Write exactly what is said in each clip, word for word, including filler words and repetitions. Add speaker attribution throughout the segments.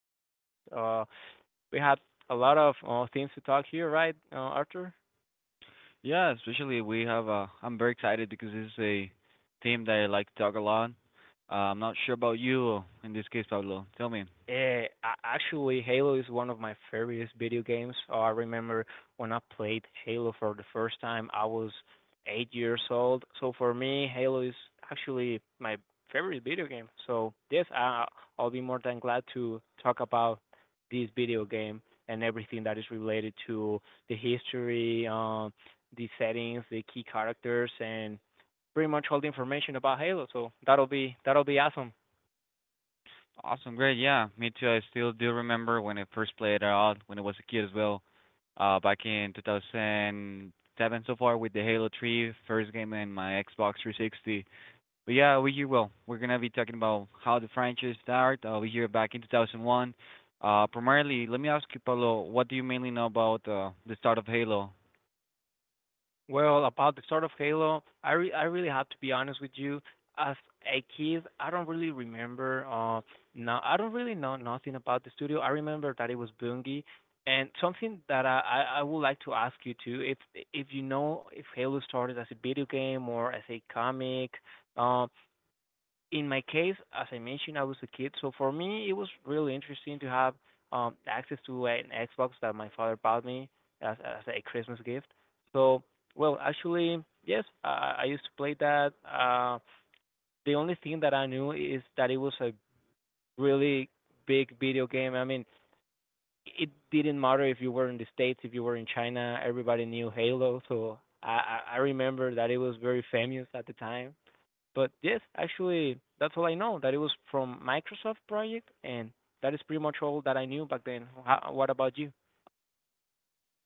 Speaker 1: franchise. Uh, we have a lot of uh, things to talk here, right, uh, Arthur?
Speaker 2: Yeah, especially we have. Uh, I'm very excited because this is a theme that I like to talk a lot. Uh, I'm not sure about you in this case, Pablo. Tell me.
Speaker 1: Uh, actually, Halo is one of my favorite video games. Uh, I remember when I played Halo for the first time, I was eight years old. So for me, Halo is actually my favorite video game. So yes, I, I'll be more than glad to talk about this video game and everything that is related to the history, um, the settings, the key characters, and pretty much all the information about Halo. So that'll be that'll be awesome.
Speaker 2: Awesome, great. Yeah, me too. I still do remember when I first played it out when I was a kid as well. Uh, back in two thousand seven so far with the Halo three first game in my Xbox three sixty. But yeah, we here well, we're gonna be talking about how the franchise started. Uh, we here back in two thousand one. Uh, primarily, let me ask you, Pablo, what do you mainly know about uh, the start of Halo?
Speaker 1: Well, about the start of Halo, I re- I really have to be honest with you. As a kid, I don't really remember. Uh, no, I don't really know nothing about the studio. I remember that it was Bungie, and something that I I, I would like to ask you too, if if you know if Halo started as a video game or as a comic. Um, in my case, as I mentioned, I was a kid, so for me it was really interesting to have um access to an Xbox that my father bought me as as a Christmas gift. So, well, actually, yes, I, I used to play that. Uh, the only thing that I knew is that it was a really big video game. I mean, it didn't matter if you were in the States, if you were in China, everybody knew Halo. So I I I remember that it was very famous at the time. But yes, actually, that's all I know. That it was from Microsoft project, and that is pretty much all that I knew back then. How, what about you?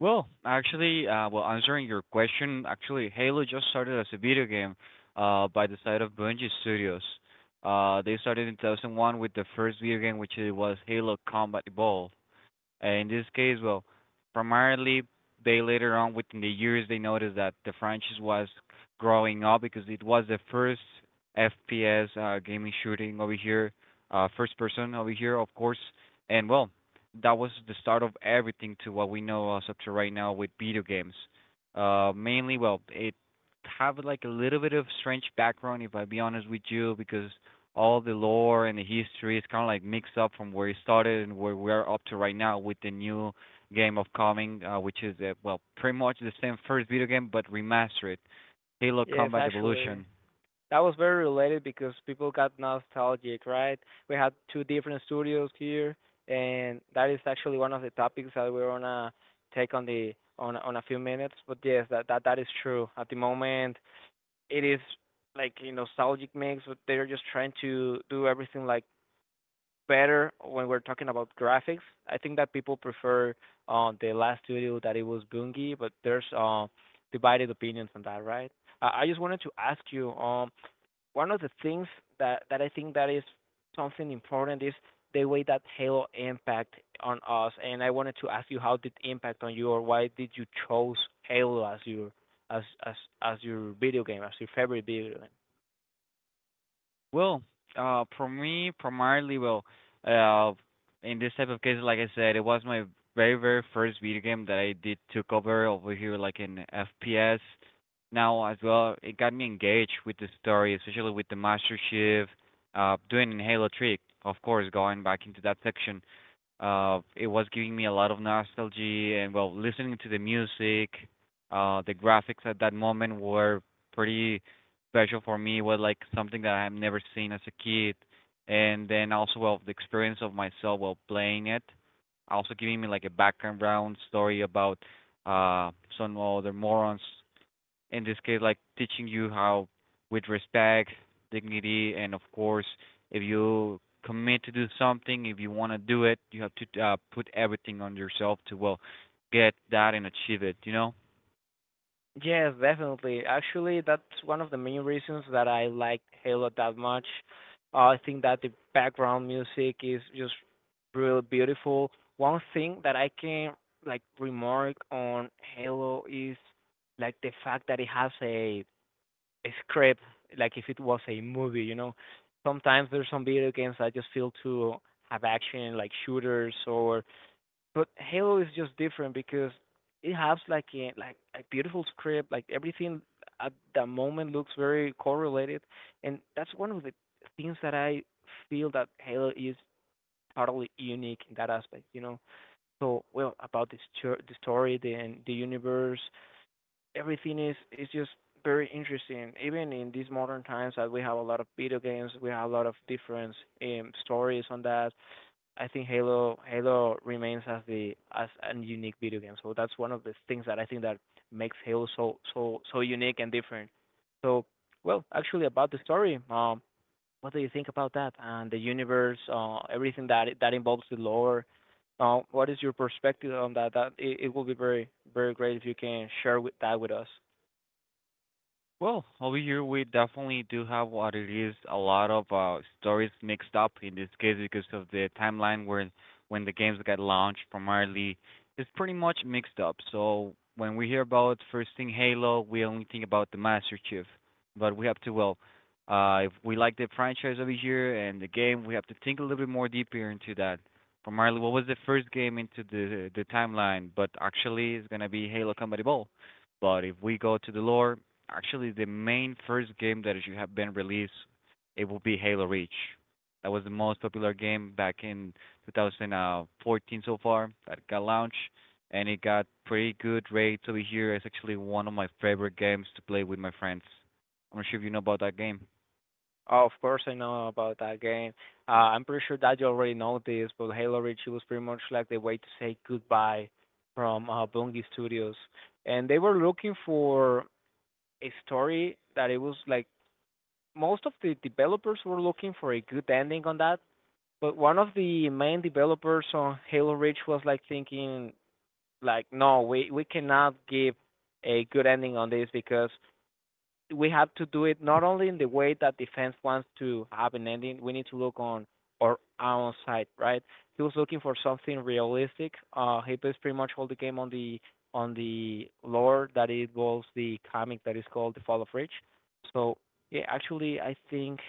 Speaker 2: Well, actually, uh, well, answering your question, actually, Halo just started as a video game uh, by the side of Bungie Studios. Uh, they started in two thousand one with the first video game, which it was Halo Combat Evolved. Uh, in this case, well, primarily, they later on within the years they noticed that the franchise was growing up because it was the first F P S uh, gaming shooting over here, uh, first person over here, of course, and well, that was the start of everything to what we know as up to right now with video games. Uh, mainly, well, it have like a little bit of strange background if I be honest with you because all the lore and the history is kind of like mixed up from where it started and where we are up to right now with the new game of coming, uh, which is uh, well pretty much the same first video game but remastered, Halo
Speaker 1: Yes,
Speaker 2: Combat
Speaker 1: actually,
Speaker 2: Evolution.
Speaker 1: that was very related because people got nostalgic, right? We had two different studios here, and that is actually one of the topics that we're gonna take on the on on a few minutes. But yes, that that that is true. At the moment, it is like a nostalgic mix, but they're just trying to do everything like better when we're talking about graphics. I think that people prefer uh, the last studio that it was Bungie, but there's uh, divided opinions on that, right? Uh, I just wanted to ask you, um, one of the things that that I think that is something important is the way that Halo impact on us, and I wanted to ask you how did it impact on you, or why did you chose Halo as your as as as your video game, as your favorite video game?
Speaker 2: Well, uh, for me, primarily, well, uh, in this type of case, like I said, it was my very, very first video game that I did took over over here, like in F P S. Now as well, it got me engaged with the story, especially with the Master Chief, uh, doing in Halo trick. Of course, going back into that section, uh it was giving me a lot of nostalgia, and well, listening to the music, uh the graphics at that moment were pretty special. For me it was like something that I have never seen as a kid, and then also, well, the experience of myself while playing it also giving me like a background story about uh some other morons, in this case, like teaching you how, with respect, dignity, and of course, if you commit to do something, if you want to do it, you have to uh, put everything on yourself to well get that and achieve it. You know.
Speaker 1: Yes, definitely. Actually, that's one of the main reasons that I like Halo that much. Uh, I think that the background music is just real beautiful. One thing that I can like remark on Halo is like the fact that it has a, a script, like if it was a movie, you know. Sometimes there's some video games that just feel to have action, like shooters or but Halo is just different because it has like a like a beautiful script, like everything at the moment looks very correlated, and that's one of the things that I feel that Halo is totally unique in that aspect, you know. So well, about this chur- the story, the and the universe, everything is is just very interesting. Even in these modern times, that we have a lot of video games, we have a lot of different um, stories on that. I think Halo Halo remains as the as a unique video game. So that's one of the things that I think that makes Halo so so so unique and different. So well, actually, about the story, um, what do you think about that and the universe, uh, everything that that involves the lore? Uh, what is your perspective on that? That it, it will be very very great if you can share with that with us.
Speaker 2: Well, over here we definitely do have what it is a lot of uh stories mixed up in this case because of the timeline where when the games got launched primarily it's pretty much mixed up. So when we hear about first thing Halo, we only think about the Master Chief. But we have to well uh if we like the franchise over here and the game, we have to think a little bit more deeper into that. Primarily, what was the first game into the the timeline, but actually it's gonna be Halo Combat Evolved. But if we go to the lore, actually the main first game that should have been released, it would be Halo Reach. That was the most popular game back in two thousand fourteen so far that got launched, and it got pretty good rates over here. It's actually one of my favorite games to play with my friends. I'm not sure if you know about that game.
Speaker 1: Oh, of course, I know about that game. Uh, I'm pretty sure that you already know this, but Halo Reach it was pretty much like the way to say goodbye from uh, Bungie Studios, and they were looking for a story that it was like most of the developers were looking for a good ending on that, but one of the main developers on Halo Reach was like thinking like, no, we we cannot give a good ending on this because we have to do it not only in the way that defense wants to have an ending. We need to look on our own side, right? He was looking for something realistic. Uh, he plays pretty much all the game on the on the lore that involves the comic that is called The Fall of Reach. So yeah, actually, I think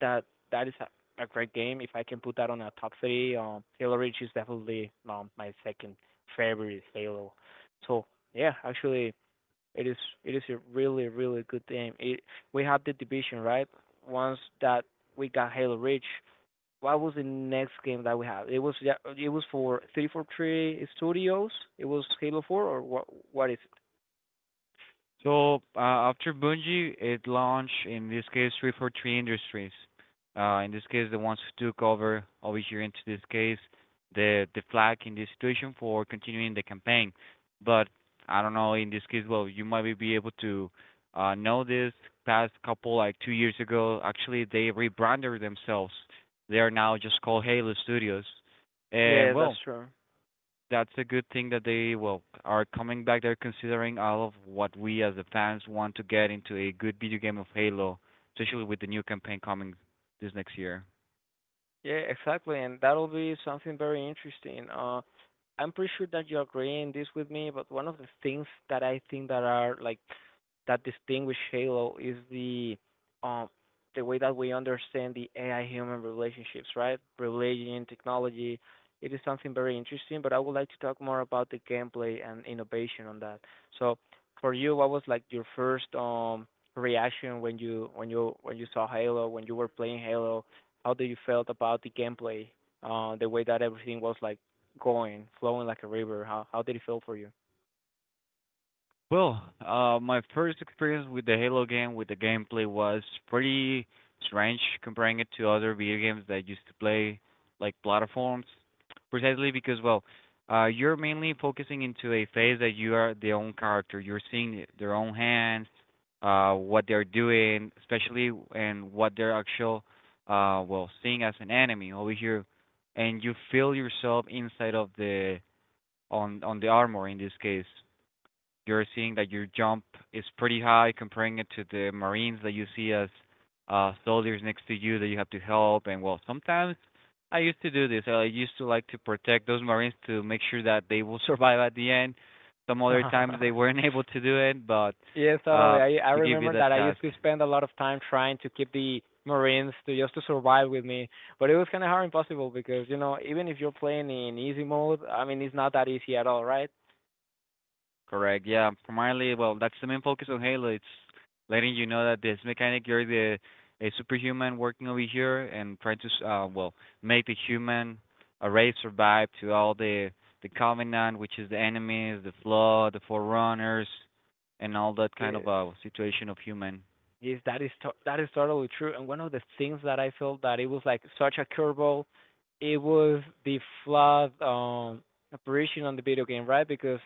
Speaker 1: that that is a, a great game. If I can put that on a top three, um, Halo Reach is definitely um, my second favorite Halo. So yeah, actually, it is it is a really really good game. It we had the division right once that we got Halo Reach. What was the next game that we had? It was yeah, it was for three forty-three Studios. It was Halo four or what? What is it?
Speaker 2: So, uh, after Bungie, it launched, in this case, three forty-three Industries. Uh, in this case, the ones who took over over here into this case, the the flag in this situation for continuing the campaign. But I don't know. In this case, well, you might be able to uh, know this. Past couple like two years ago, actually, they rebranded themselves. They are now just called Halo Studios. And
Speaker 1: Yeah, that's
Speaker 2: well,
Speaker 1: true.
Speaker 2: that's a good thing that they well are coming back. They're considering all of what we as the fans want to get into a good video game of Halo, especially with the new campaign coming this next year.
Speaker 1: Yeah, exactly, and that'll be something very interesting. Uh, I'm pretty sure that you're agreeing this with me, but one of the things that I think that are like that distinguish Halo is the um the way that we understand the A I human relationships, right? Religion, technology. It is something very interesting, but I would like to talk more about the gameplay and innovation on that. So for you, what was like your first um reaction when you when you when you saw Halo, when you were playing Halo? How do you felt about the gameplay? Uh, the way that everything was like going, flowing like a river. How how did it feel for you?
Speaker 2: Well, uh, my first experience with the Halo game with the gameplay was pretty strange comparing it to other video games that I used to play, like platforms, precisely because well, uh, you're mainly focusing into a phase that you are the own character. You're seeing their own hands, uh, what they're doing, especially, and what they're actual, uh, well, seeing as an enemy over here, and you feel yourself inside of the on on the armor in this case. You're seeing that your jump is pretty high comparing it to the Marines that you see as uh soldiers next to you that you have to help, and well, sometimes I used to do this. I used to like to protect those Marines to make sure that they will survive at the end. Some other times they weren't able to do it, but
Speaker 1: Yes, totally.
Speaker 2: uh
Speaker 1: I I
Speaker 2: you give it
Speaker 1: remember
Speaker 2: that
Speaker 1: that I used
Speaker 2: task.
Speaker 1: to spend a lot of time trying to keep the Marines to just to survive with me, but it was kind of hard impossible because you know even if you're playing in easy mode, I mean it's not that easy at all, right?
Speaker 2: Correct. Yeah. Primarily, well, that's the main focus of Halo. It's letting you know that this mechanic, you're the a superhuman working over here and trying to s- uh well make the human uh, race survive to all the the Covenant, which is the enemies, the Flood, the Forerunners, and all that kind of
Speaker 1: Yes,
Speaker 2: uh situation of human.
Speaker 1: yes, that is to- that is totally true. And one of the things that I felt that it was like such a curveball, it was the flawed um operation on the video game, right? Because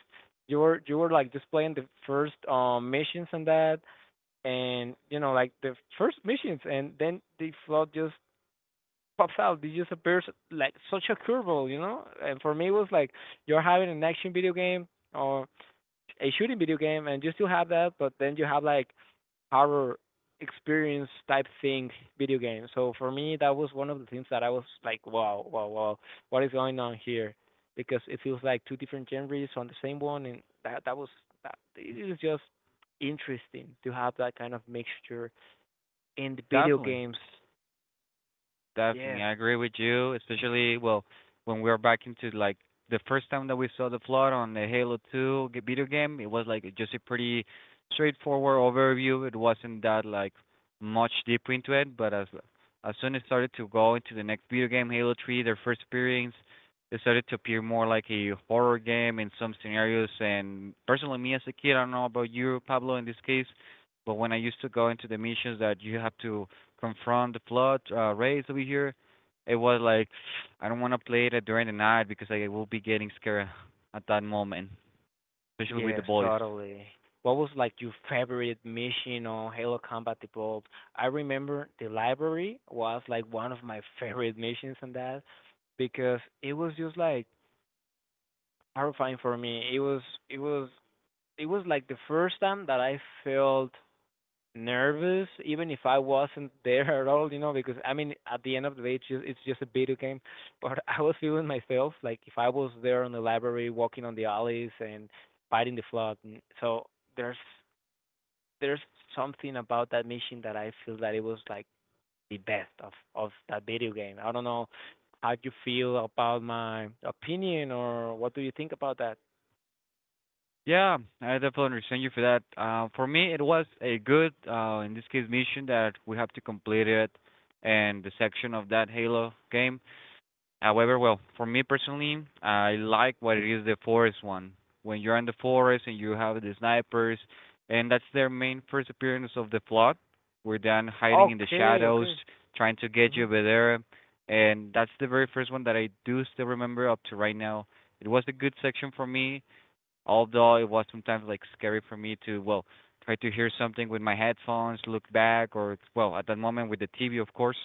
Speaker 1: you were you were like just playing the first um missions and that, and you know like the first missions and then the flood just pops out, they just appears like such a curveball, you know. And for me it was like you're having an action video game or a shooting video game and you still have that but then you have like horror experience type thing video game. So for me that was one of the things that I was like wow, wow wow what is going on here, because it feels like two different genres on the same one, and that that was that it is just interesting to have that kind of mixture in the video
Speaker 2: Definitely.
Speaker 1: games,
Speaker 2: Definitely,
Speaker 1: yes,
Speaker 2: I agree with you. Especially, well, when we were back into like the first time that we saw the flood on the Halo two g- video game, it was like just a pretty straightforward overview. It wasn't that like much deep into it, but as as soon as it started to go into the next video game, Halo three, their first experience, it started to appear more like a horror game in some scenarios. And personally, me as a kid, I don't know about you, Pablo, in this case, but when I used to go into the missions that you have to confront the flood, uh, rays over here, it was like I don't want to play it during the night because I will be getting scared at that moment, especially with the
Speaker 1: yes,
Speaker 2: boys.
Speaker 1: totally. What was like your favorite mission on Halo Combat Evolved? I remember the library was like one of my favorite missions on that because it was just like horrifying for me. It was it was it was like the first time that I felt nervous even if I wasn't there at all, you know, because I mean at the end of the day it's just it's just a video game. But I was feeling myself like if I was there in the library walking on the alleys and fighting the flood, and so there's there's something about that mission that I feel that it was like the best of of that video game. I don't know how you feel about my opinion, or what do you think about that?
Speaker 2: Yeah, I definitely understand you for that. Uh, for me, it was a good, uh, in this case, mission that we have to complete it, and the section of that Halo game. However, well, for me personally, I like what it is the forest one. When you're in the forest and you have the snipers, and that's their main first appearance of the flood. We're then hiding in the
Speaker 1: Okay,
Speaker 2: shadows,
Speaker 1: okay.
Speaker 2: trying to get you
Speaker 1: Mhm.
Speaker 2: over there, and that's the very first one that I do still remember up to right now. It was a good section for me, although it was sometimes like scary for me to well try to hear something with my headphones, look back, or well at that moment with the T V, of course,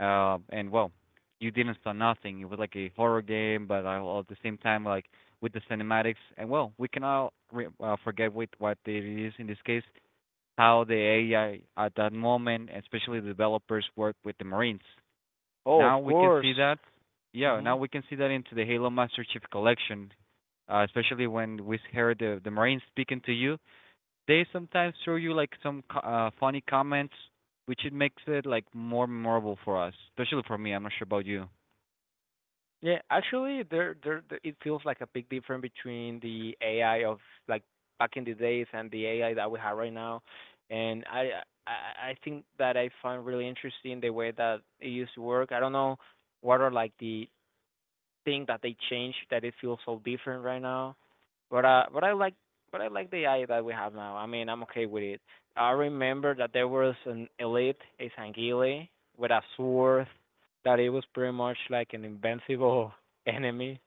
Speaker 2: uh, and well, you didn't saw nothing. It was like a horror game, but I- all at the same time, like with the cinematics, and well, we cannot re- uh, forget with what it is in this case, how the A I at that moment, especially the developers, work with the Marines.
Speaker 1: Oh, of
Speaker 2: Now we can
Speaker 1: course.
Speaker 2: see that. Yeah, now
Speaker 1: Mhm.
Speaker 2: we can see that into the Halo Master Chief Collection, uh, especially when we heard the the Marines speaking to you. They sometimes throw you like some co- uh, funny comments, which it makes it like more memorable for us, especially for me. I'm not sure about you.
Speaker 1: Yeah, actually, there, there, there- it feels like a big difference between the A I of like back in the days and the A I that we have right now. And I, I, I I think that I find really interesting the way that it used to work. I don't know what are like the thing that they changed that it feels so different right now. But uh, but I like but I like the A I that we have now. I mean, I'm okay with it. I remember that there was an elite, a Sangile, with a sword that it was pretty much like an invincible enemy.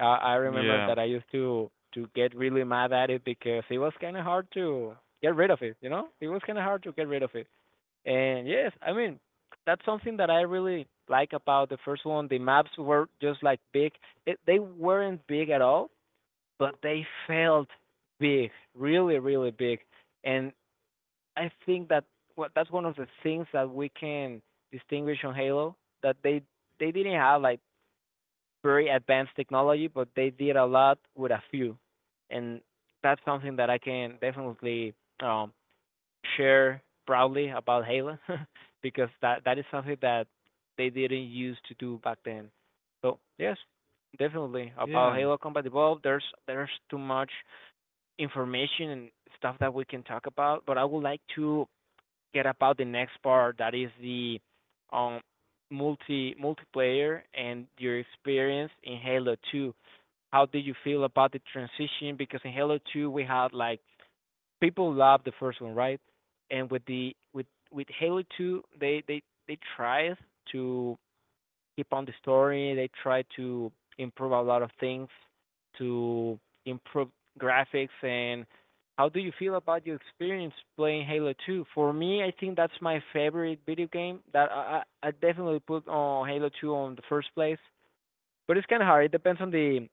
Speaker 1: Uh, I remember
Speaker 2: Yeah.
Speaker 1: that I used to to get really mad at it because it was kind of hard to get rid of it. You know, it was kind of hard to get rid of it. And yes, I mean, that's something that I really like about the first one. The maps were just like big. It, they weren't big at all, but they felt big, really, really big. And I think that what that's one of the things that we can distinguish on Halo that they they didn't have like very advanced technology, but they did a lot with a few. And that's something that I can definitely um share proudly about Halo because that that is something that they didn't use to do back then. So yes, definitely about
Speaker 2: Yeah.
Speaker 1: Halo Combat Evolved. There's there's too much information and stuff that we can talk about, but I would like to get about the next part that is the um multi multiplayer and your experience in Halo two. How did you feel about the transition? Because in Halo two we had like people love the first one, right? And with the with with Halo two, they they they tried to keep on the story. They tried to improve a lot of things, to improve graphics. And how do you feel about your experience playing Halo two? For me, I think that's my favorite video game. That I I I definitely put on Halo two on the first place, but it's kind of hard. It depends on the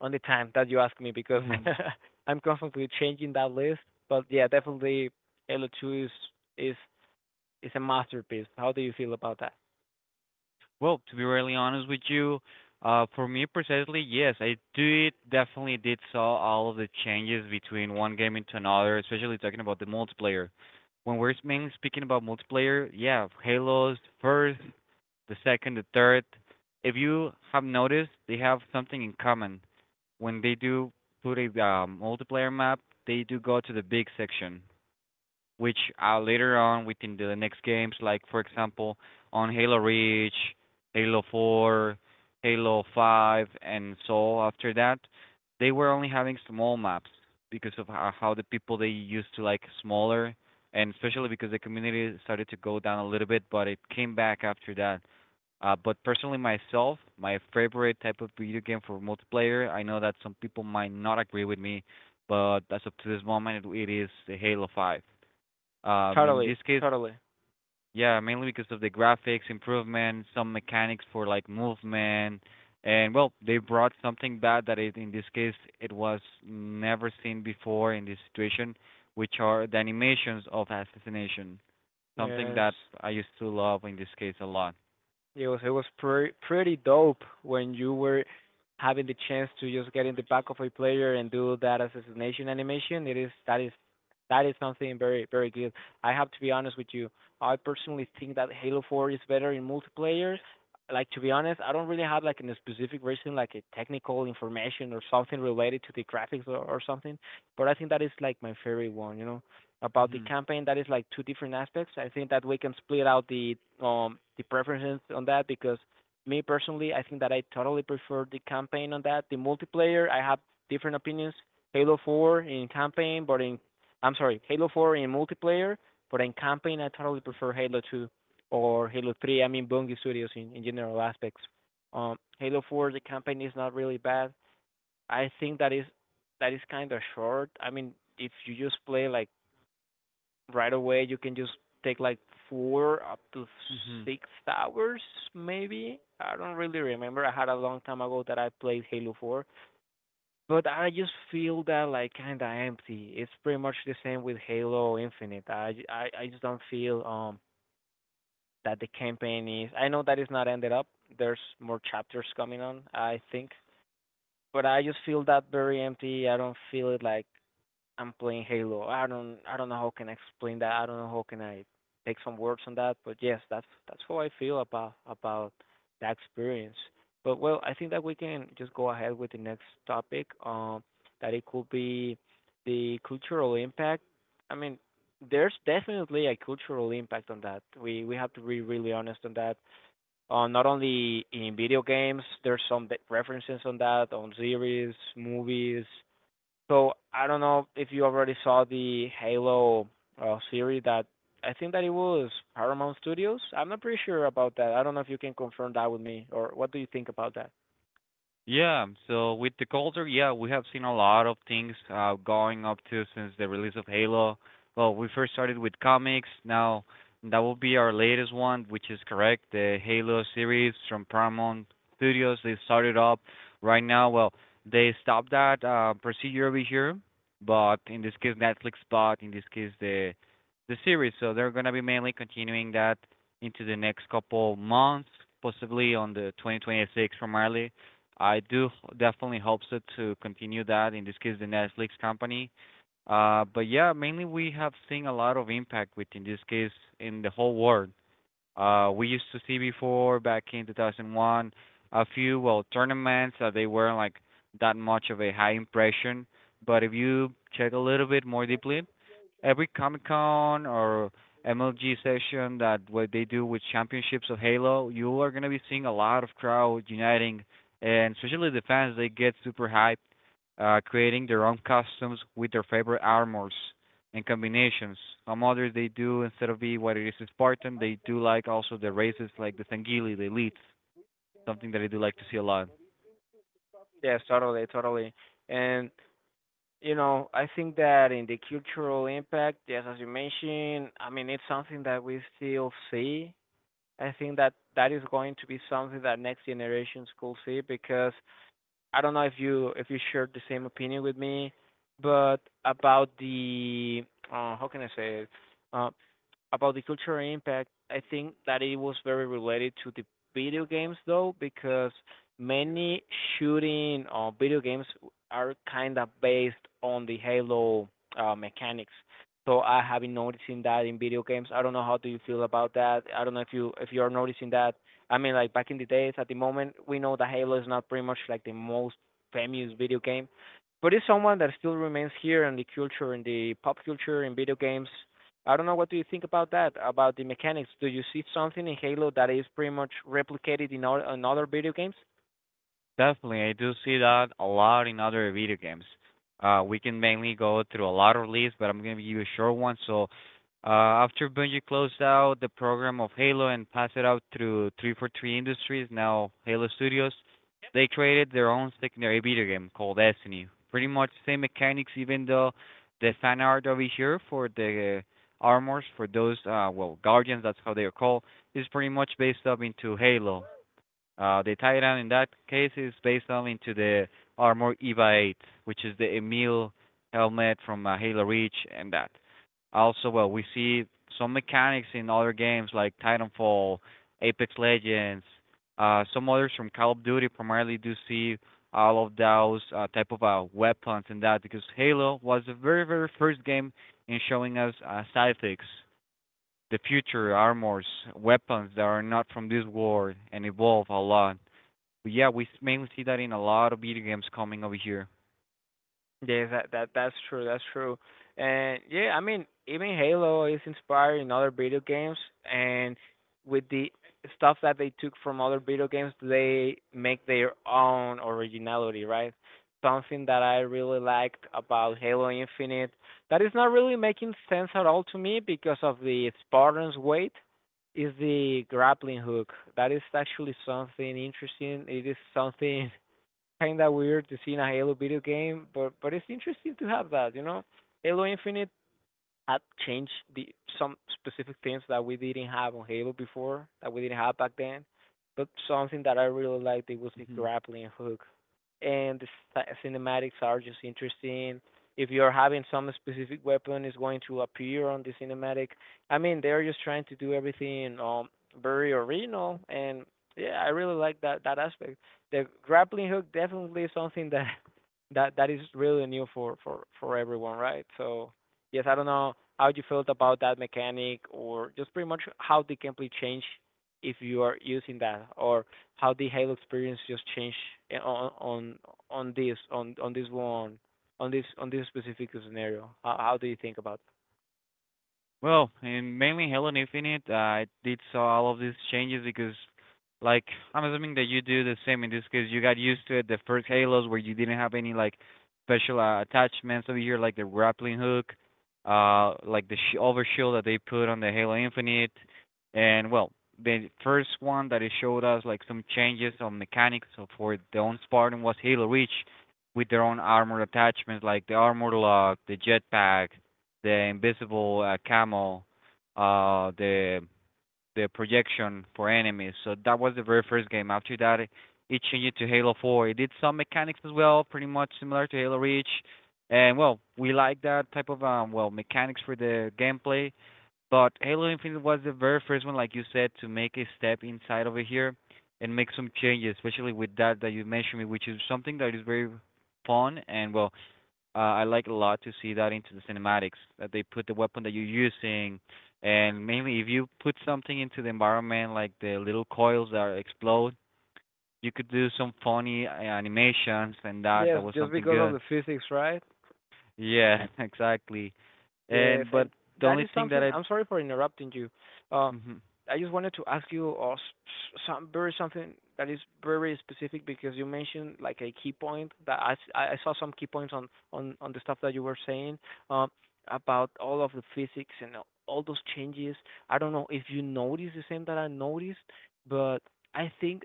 Speaker 1: on the time that you ask me because
Speaker 2: Hmm.
Speaker 1: I'm constantly changing that list. But yeah, definitely Halo two is is is a masterpiece. How do you feel about that?
Speaker 2: Well, to be really honest with you, uh, for me precisely, yes, I did definitely did saw all of the changes between one game into another, especially talking about the multiplayer. When we're mainly speaking about multiplayer, yeah, Halo's first, the second, the third. If you have noticed, they have something in common. When they do put a um, multiplayer map, they do go to the big section, which uh, later on within the next games, like for example on Halo Reach, Halo four, Halo five, and so after that, they were only having small maps because of how, how the people they used to like smaller, and especially because the community started to go down a little bit, but it came back after that. Uh, but personally, myself, my favorite type of video game for multiplayer, I know that some people might not agree with me, but as of to this moment, it, it is Halo five. Um, in
Speaker 1: Totally,
Speaker 2: this case,
Speaker 1: totally.
Speaker 2: yeah, mainly because of the graphics improvement, some mechanics for like movement, and well, they brought something back that it, in this case it was never seen before in this situation, which are the animations of assassination, something
Speaker 1: Yes.
Speaker 2: that I used to love in this case a lot.
Speaker 1: It was it was pre- pretty dope when you were having the chance to just get in the back of a player and do that assassination animation. It is that is that is something very, very good. I have to be honest with you. I personally think that Halo four is better in multiplayer. Like, to be honest, I don't really have like a specific reason, like a technical information or something related to the graphics or, or something. But I think that is like my favorite one, you know about the
Speaker 2: Mhm.
Speaker 1: campaign. That is like two different aspects. I think that we can split out the um the preferences on that because me personally, I think that I totally prefer the campaign on that. The multiplayer, I have different opinions. Halo four in campaign, but in I'm sorry, Halo four in multiplayer, but in campaign I totally prefer Halo two or Halo three. I mean Bungie Studios in, in general aspects. Um, Halo four, the campaign is not really bad. I think that is that is kind of short. I mean, if you just play like right away you can just take like four up to
Speaker 2: Mhm.
Speaker 1: six hours maybe. I don't really remember. I had a long time ago that I played Halo four, but I just feel that like kind of empty. It's pretty much the same with Halo Infinite. i i, I just don't feel um that the campaign is. I know that it's not ended up. There's more chapters coming on, I think, but I just feel that very empty. I don't feel it like I'm playing Halo. I don't I don't know how can I explain that. I don't know how can I take some words on that. But yes, that's that's how I feel about about that experience. But well, I think that we can just go ahead with the next topic. Um, that it could be the cultural impact. I mean, there's definitely a cultural impact on that. We we have to be really honest on that. Uh, not only in video games, there's some de- references on that on series, movies, so I don't know if you already saw the Halo uh, series that I think that it was Paramount Studios. I'm not pretty sure about that. I don't know if you can confirm that with me or what do you think about that?
Speaker 2: Yeah, so with the culture, yeah, we have seen a lot of things uh, going up to since the release of Halo. Well, we first started with comics. Now that will be our latest one, which is correct. The Halo series from Paramount Studios. They started up right now. Well, they stopped that uh, procedure over here, but in this case Netflix bought. In this case the the series. So they're gonna be mainly continuing that into the next couple months, possibly on the twenty twenty-six. Primarily I do definitely hope so to continue that in this case the Netflix company. Uh, but yeah, mainly we have seen a lot of impact with in this case in the whole world. Uh, we used to see before back in two thousand one a few well tournaments uh, they weren't like that much of a high impression. But if you check a little bit more deeply, every Comic Con or M L G session that what they do with championships of Halo, you are gonna be seeing a lot of crowd uniting, and especially the fans. They get super hyped, uh, creating their own costumes with their favorite armors and combinations. Some others they do instead of being what it is Spartan, they do like also the races like the Sangili, the elites, something that I do like to see a lot.
Speaker 1: Yes, totally, totally. And you know, I think that in the cultural impact, yes, as you mentioned, I mean it's something that we still see. I think that that is going to be something that next generations could see because I don't know if you if you shared the same opinion with me, but about the uh, how can I say it? Uh, about the cultural impact, I think that it was very related to the video games though, because many shooting uh, video games are kind of based on the Halo uh, mechanics. So I have been noticing that in video games. I don't know how do you feel about that. I don't know if you if you're noticing that. I mean, like back in the days, at the moment, we know that Halo is not pretty much like the most famous video game, but it's someone that still remains here in the culture, in the pop culture, in video games. I don't know what do you think about that, about the mechanics. Do you see something in Halo that is pretty much replicated in, all, in other video games?
Speaker 2: Definitely, I do see that a lot in other video games. Uh, we can mainly go through a lot of lists, but I'm gonna give you a short one. So, uh, after Bungie closed out the program of Halo and passed it out through three four three Industries, now Halo Studios, they created their own secondary video game called Destiny. Pretty much same mechanics, even though the fan art over here for the armors for those uh well guardians, that's how they are called, is pretty much based up into Halo. Uh, the Titan in that case is based on into the Armor EVA eight, which is the Emil helmet from uh, Halo Reach and that. Also, well, we see some mechanics in other games like Titanfall, Apex Legends, uh, some others from Call of Duty primarily, do see all of those uh, type of uh, weapons and that, because Halo was the very very first game in showing us uh, scythics, the future armors, weapons that are not from this world and evolve a lot. But yeah, we s- mainly see that in a lot of video games coming over here.
Speaker 1: Yes, that that that's true. That's true. And yeah, I mean, even Halo is inspired in other video games, and with the stuff that they took from other video games, they make their own originality, right? Something that I really liked about Halo Infinite that is not really making sense at all to me because of the Spartan's weight is the grappling hook. That is actually something interesting. It is something kinda weird to see in a Halo video game, but but it's interesting to have that, you know. Halo Infinite add change the some specific things that we didn't have on Halo before, that we didn't have back then. But something that I really liked it was the
Speaker 2: Hmm.
Speaker 1: grappling hook, and the sta- cinematics are just interesting. If you're having some specific weapon, it's going to appear on the cinematic. I mean, they're just trying to do everything um very original, and yeah, I really like that that aspect. The grappling hook definitely is something that that that is really new for for for everyone, right? So yes, I don't know how you felt about that mechanic or just pretty much how the gameplay change if you are using that or how the Halo experience just change eh, on on on this on on this one on this on this specific scenario. How how do you think about it?
Speaker 2: Well, in mainly Halo Infinite, I did saw all of these changes because, like, I'm assuming that you do the same in this case. You got used to it the first Halos where you didn't have any like special uh, attachments over here, like the grappling hook, uh, like the sh- over shield that they put on the Halo Infinite, and well, the first one that it showed us like some changes on mechanics of- for the own Spartan was Halo Reach, with their own armor attachments, like the armor lock, the jetpack, the invisible uh, camel, uh, the the projection for enemies. So that was the very first game. After that, it, it changed to Halo four. It did some mechanics as well, pretty much similar to Halo Reach. And well, we like that type of um well mechanics for the gameplay. But Halo Infinite was the very first one, like you said, to make a step inside over here and make some changes, especially with that that you mentioned, which is something that is very fun and well, uh, I like a lot to see that into the cinematics that they put the weapon that you're using, and mainly if you put something into the environment like the little coils that explode, you could do some funny uh, animations and that,
Speaker 1: Yes,
Speaker 2: that was
Speaker 1: just
Speaker 2: something
Speaker 1: because of
Speaker 2: good.
Speaker 1: the physics, right?
Speaker 2: Yeah, exactly.
Speaker 1: Yes,
Speaker 2: And but
Speaker 1: and
Speaker 2: the
Speaker 1: that
Speaker 2: only
Speaker 1: is
Speaker 2: thing that
Speaker 1: something.
Speaker 2: I
Speaker 1: I'm sorry for interrupting you. Uh,
Speaker 2: mhm.
Speaker 1: I just wanted to ask you uh, s- s- some very something that is very specific because you mentioned like a key point that I, s- I- I saw some key points on on on the stuff that you were saying uh, about all of the physics and all those changes. I don't know if you noticed the same that I noticed, but I think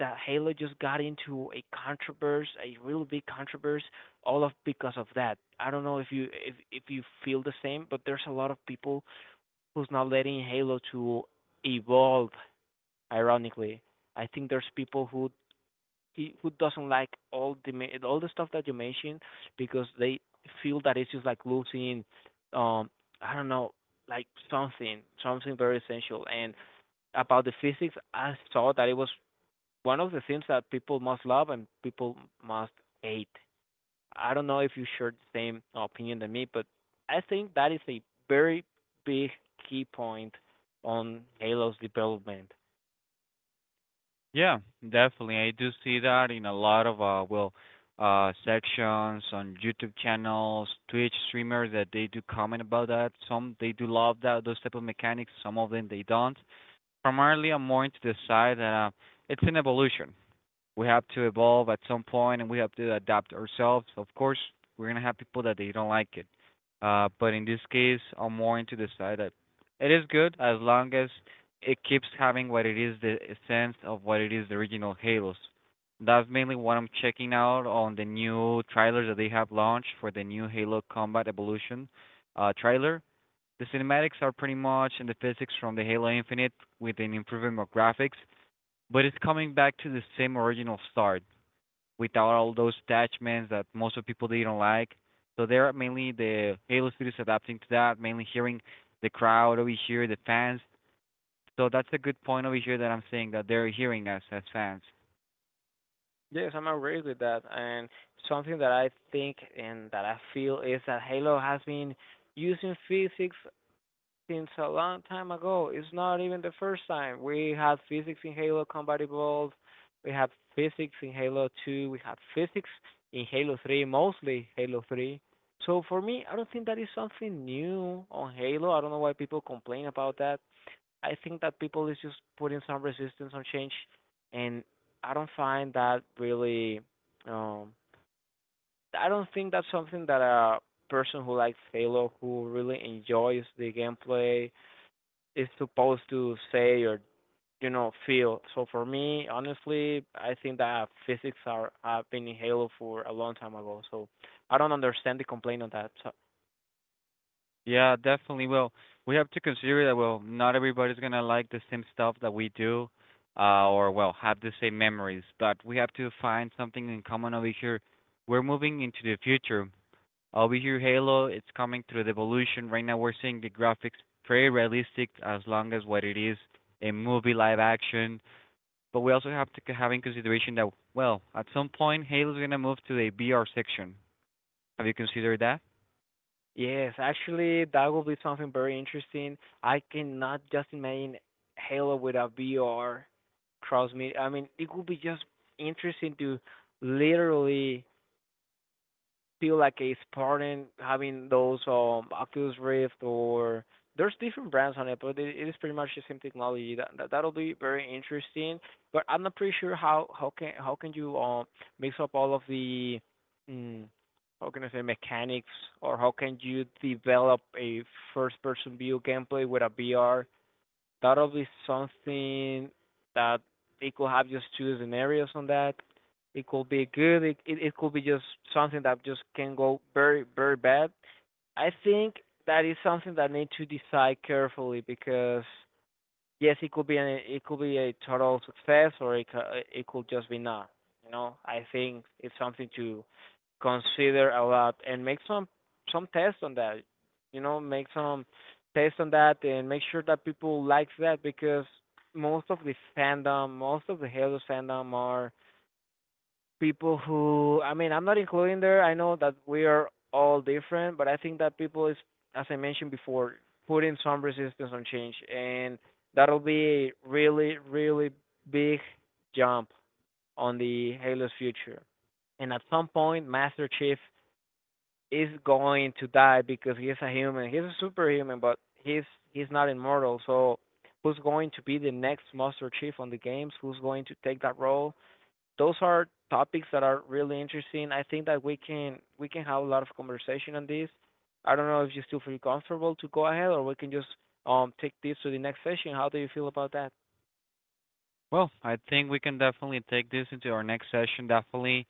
Speaker 1: that Halo just got into a controversy, a really big controversy all of because of that. I don't know if you if if you feel the same, but there's a lot of people who's not letting Halo to evolve. Ironically, I think there's people who he- who doesn't like all the all the stuff that you mentioned because they feel that it's just like losing um I don't know, like something something very essential. And about the physics, I saw that it was one of the things that people must love and people must hate. I don't know if you share the same opinion than me, but I think that is a very big key point on Halo's development.
Speaker 2: Yeah, definitely. I do see that in a lot of uh well uh sections on YouTube channels, Twitch streamers that they do comment about that. Some they do love that those type of mechanics, some of them they don't. Primarily I'm more into the side that uh, it's an evolution, we have to evolve at some point and we have to adapt ourselves. Of course, we're gonna have people that they don't like it. Uh, but in this case, I'm more into the side that it is good as long as it keeps having what it is the essence of what it is the original Halos. That's mainly what I'm checking out on the new trailers that they have launched for the new Halo Combat Evolution uh, trailer. The cinematics are pretty much in the physics from the Halo Infinite with an improvement of graphics, but it's coming back to the same original start without all those attachments that most of people they don't like. So they're mainly the Halo Studios adapting to that, mainly hearing the crowd over here, the fans. So that's a good point over here that I'm saying that they're hearing us as fans.
Speaker 1: Yes, I'm agree with that. And something that I think and that I feel is that Halo has been using physics since a long time ago. It's not even the first time. We had physics in Halo Combat Evolved. We have physics in Halo two. We have physics in Halo three, mostly Halo three. So for me, I don't think that is something new on Halo. I don't know why people complain about that. I think that people is just putting some resistance on change, and I don't find that really. Um, I don't think that's something that a person who likes Halo, who really enjoys the gameplay, is supposed to say or you know feel. So for me, honestly, I think that physics are have been in Halo for a long time ago. So I don't understand the complaint on that. So
Speaker 2: Yeah, definitely. Well, we have to consider that well, not everybody's gonna like the same stuff that we do, uh, or well, have the same memories. But we have to find something in common over here. We're moving into the future. Over here, Halo, it's coming through the evolution. Right now, we're seeing the graphics very realistic, as long as what it is a movie live action. But we also have to have in consideration that well, at some point, Halo's gonna move to a B R section. Have you considered that?
Speaker 1: yes, actually, that will be something very interesting. I cannot just imagine Halo with a V R cross media. I mean, it would be just interesting to literally feel like a Spartan having those um Oculus Rift or there's different brands on it, but it, it is pretty much the same technology. That, that that'll be very interesting. But I'm not pretty sure how how can how can you um mix up all of the mm, how can I say mechanics or how can you develop a first person view gameplay with a V R thought of. Is something that they could have just two scenarios on that. It could be good. It, it it could be just something that just can go very, very bad. I think that is something that need to decide carefully because yes, it could be an it could be a total success or it cou- it could just be not. You know, I think it's something to consider a lot and make some some tests on that. You know, make some tests on that and make sure that people like that because most of the fandom, most of the Halo fandom are people who I mean I'm not including there. I know that we are all different, but I think that people is, as I mentioned before, putting some resistance on change, and that'll be a really, really big jump on the Halo's future. And at some point Master Chief is going to die because he's a human. He's a superhuman but he's he's not immortal, so who's going to be the next Master Chief on the games? Who's going to take that role? Those are topics that are really interesting. I think that we can we can have a lot of conversation on this. I don't know if you still feel comfortable to go ahead, or we can just um take this to the next session. How do you feel about that?
Speaker 2: Well, I think we can definitely take this into our next session. Definitely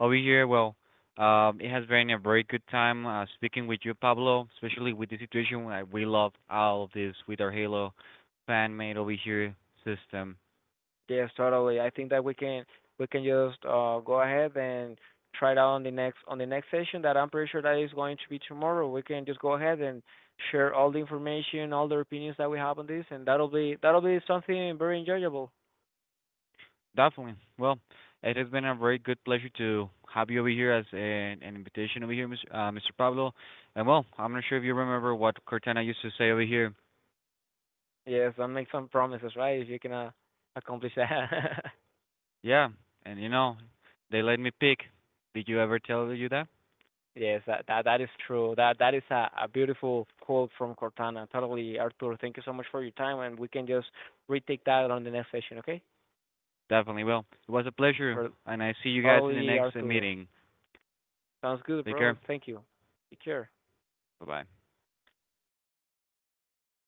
Speaker 2: over here. Well, um, it has been a very good time uh, speaking with you, Pablo, especially with the situation. We love all of this with our Halo fan made over here system.
Speaker 1: Yes, totally. I think that we can we can just uh go ahead and try it out on the next on the next session that I'm pretty sure that is going to be tomorrow. We can just go ahead and share all the information, all the opinions that we have on this and that'll be that'll be something very enjoyable.
Speaker 2: Definitely. Well, it has been a very good pleasure to have you over here as an, an invitation over here, mister Uh, mister Pablo. And well, I'm not sure if you remember what Cortana used to say over here.
Speaker 1: Yes, do make some promises, right? If you cannot accomplish that.
Speaker 2: Yeah, and you know, they let me pick. Did you ever tell you that?
Speaker 1: Yes, that that that is true. That that is a, a beautiful quote from Cortana. Totally, Arthur. Thank you so much for your time, and we can just retake that on the next session, okay?
Speaker 2: Definitely. Well, it was a pleasure,
Speaker 1: For
Speaker 2: and I see you guys in the
Speaker 1: totally,
Speaker 2: next uh,
Speaker 1: Arturo.
Speaker 2: meeting.
Speaker 1: Sounds good,
Speaker 2: Take
Speaker 1: bro.
Speaker 2: care.
Speaker 1: Thank you. Take care.
Speaker 2: Bye bye.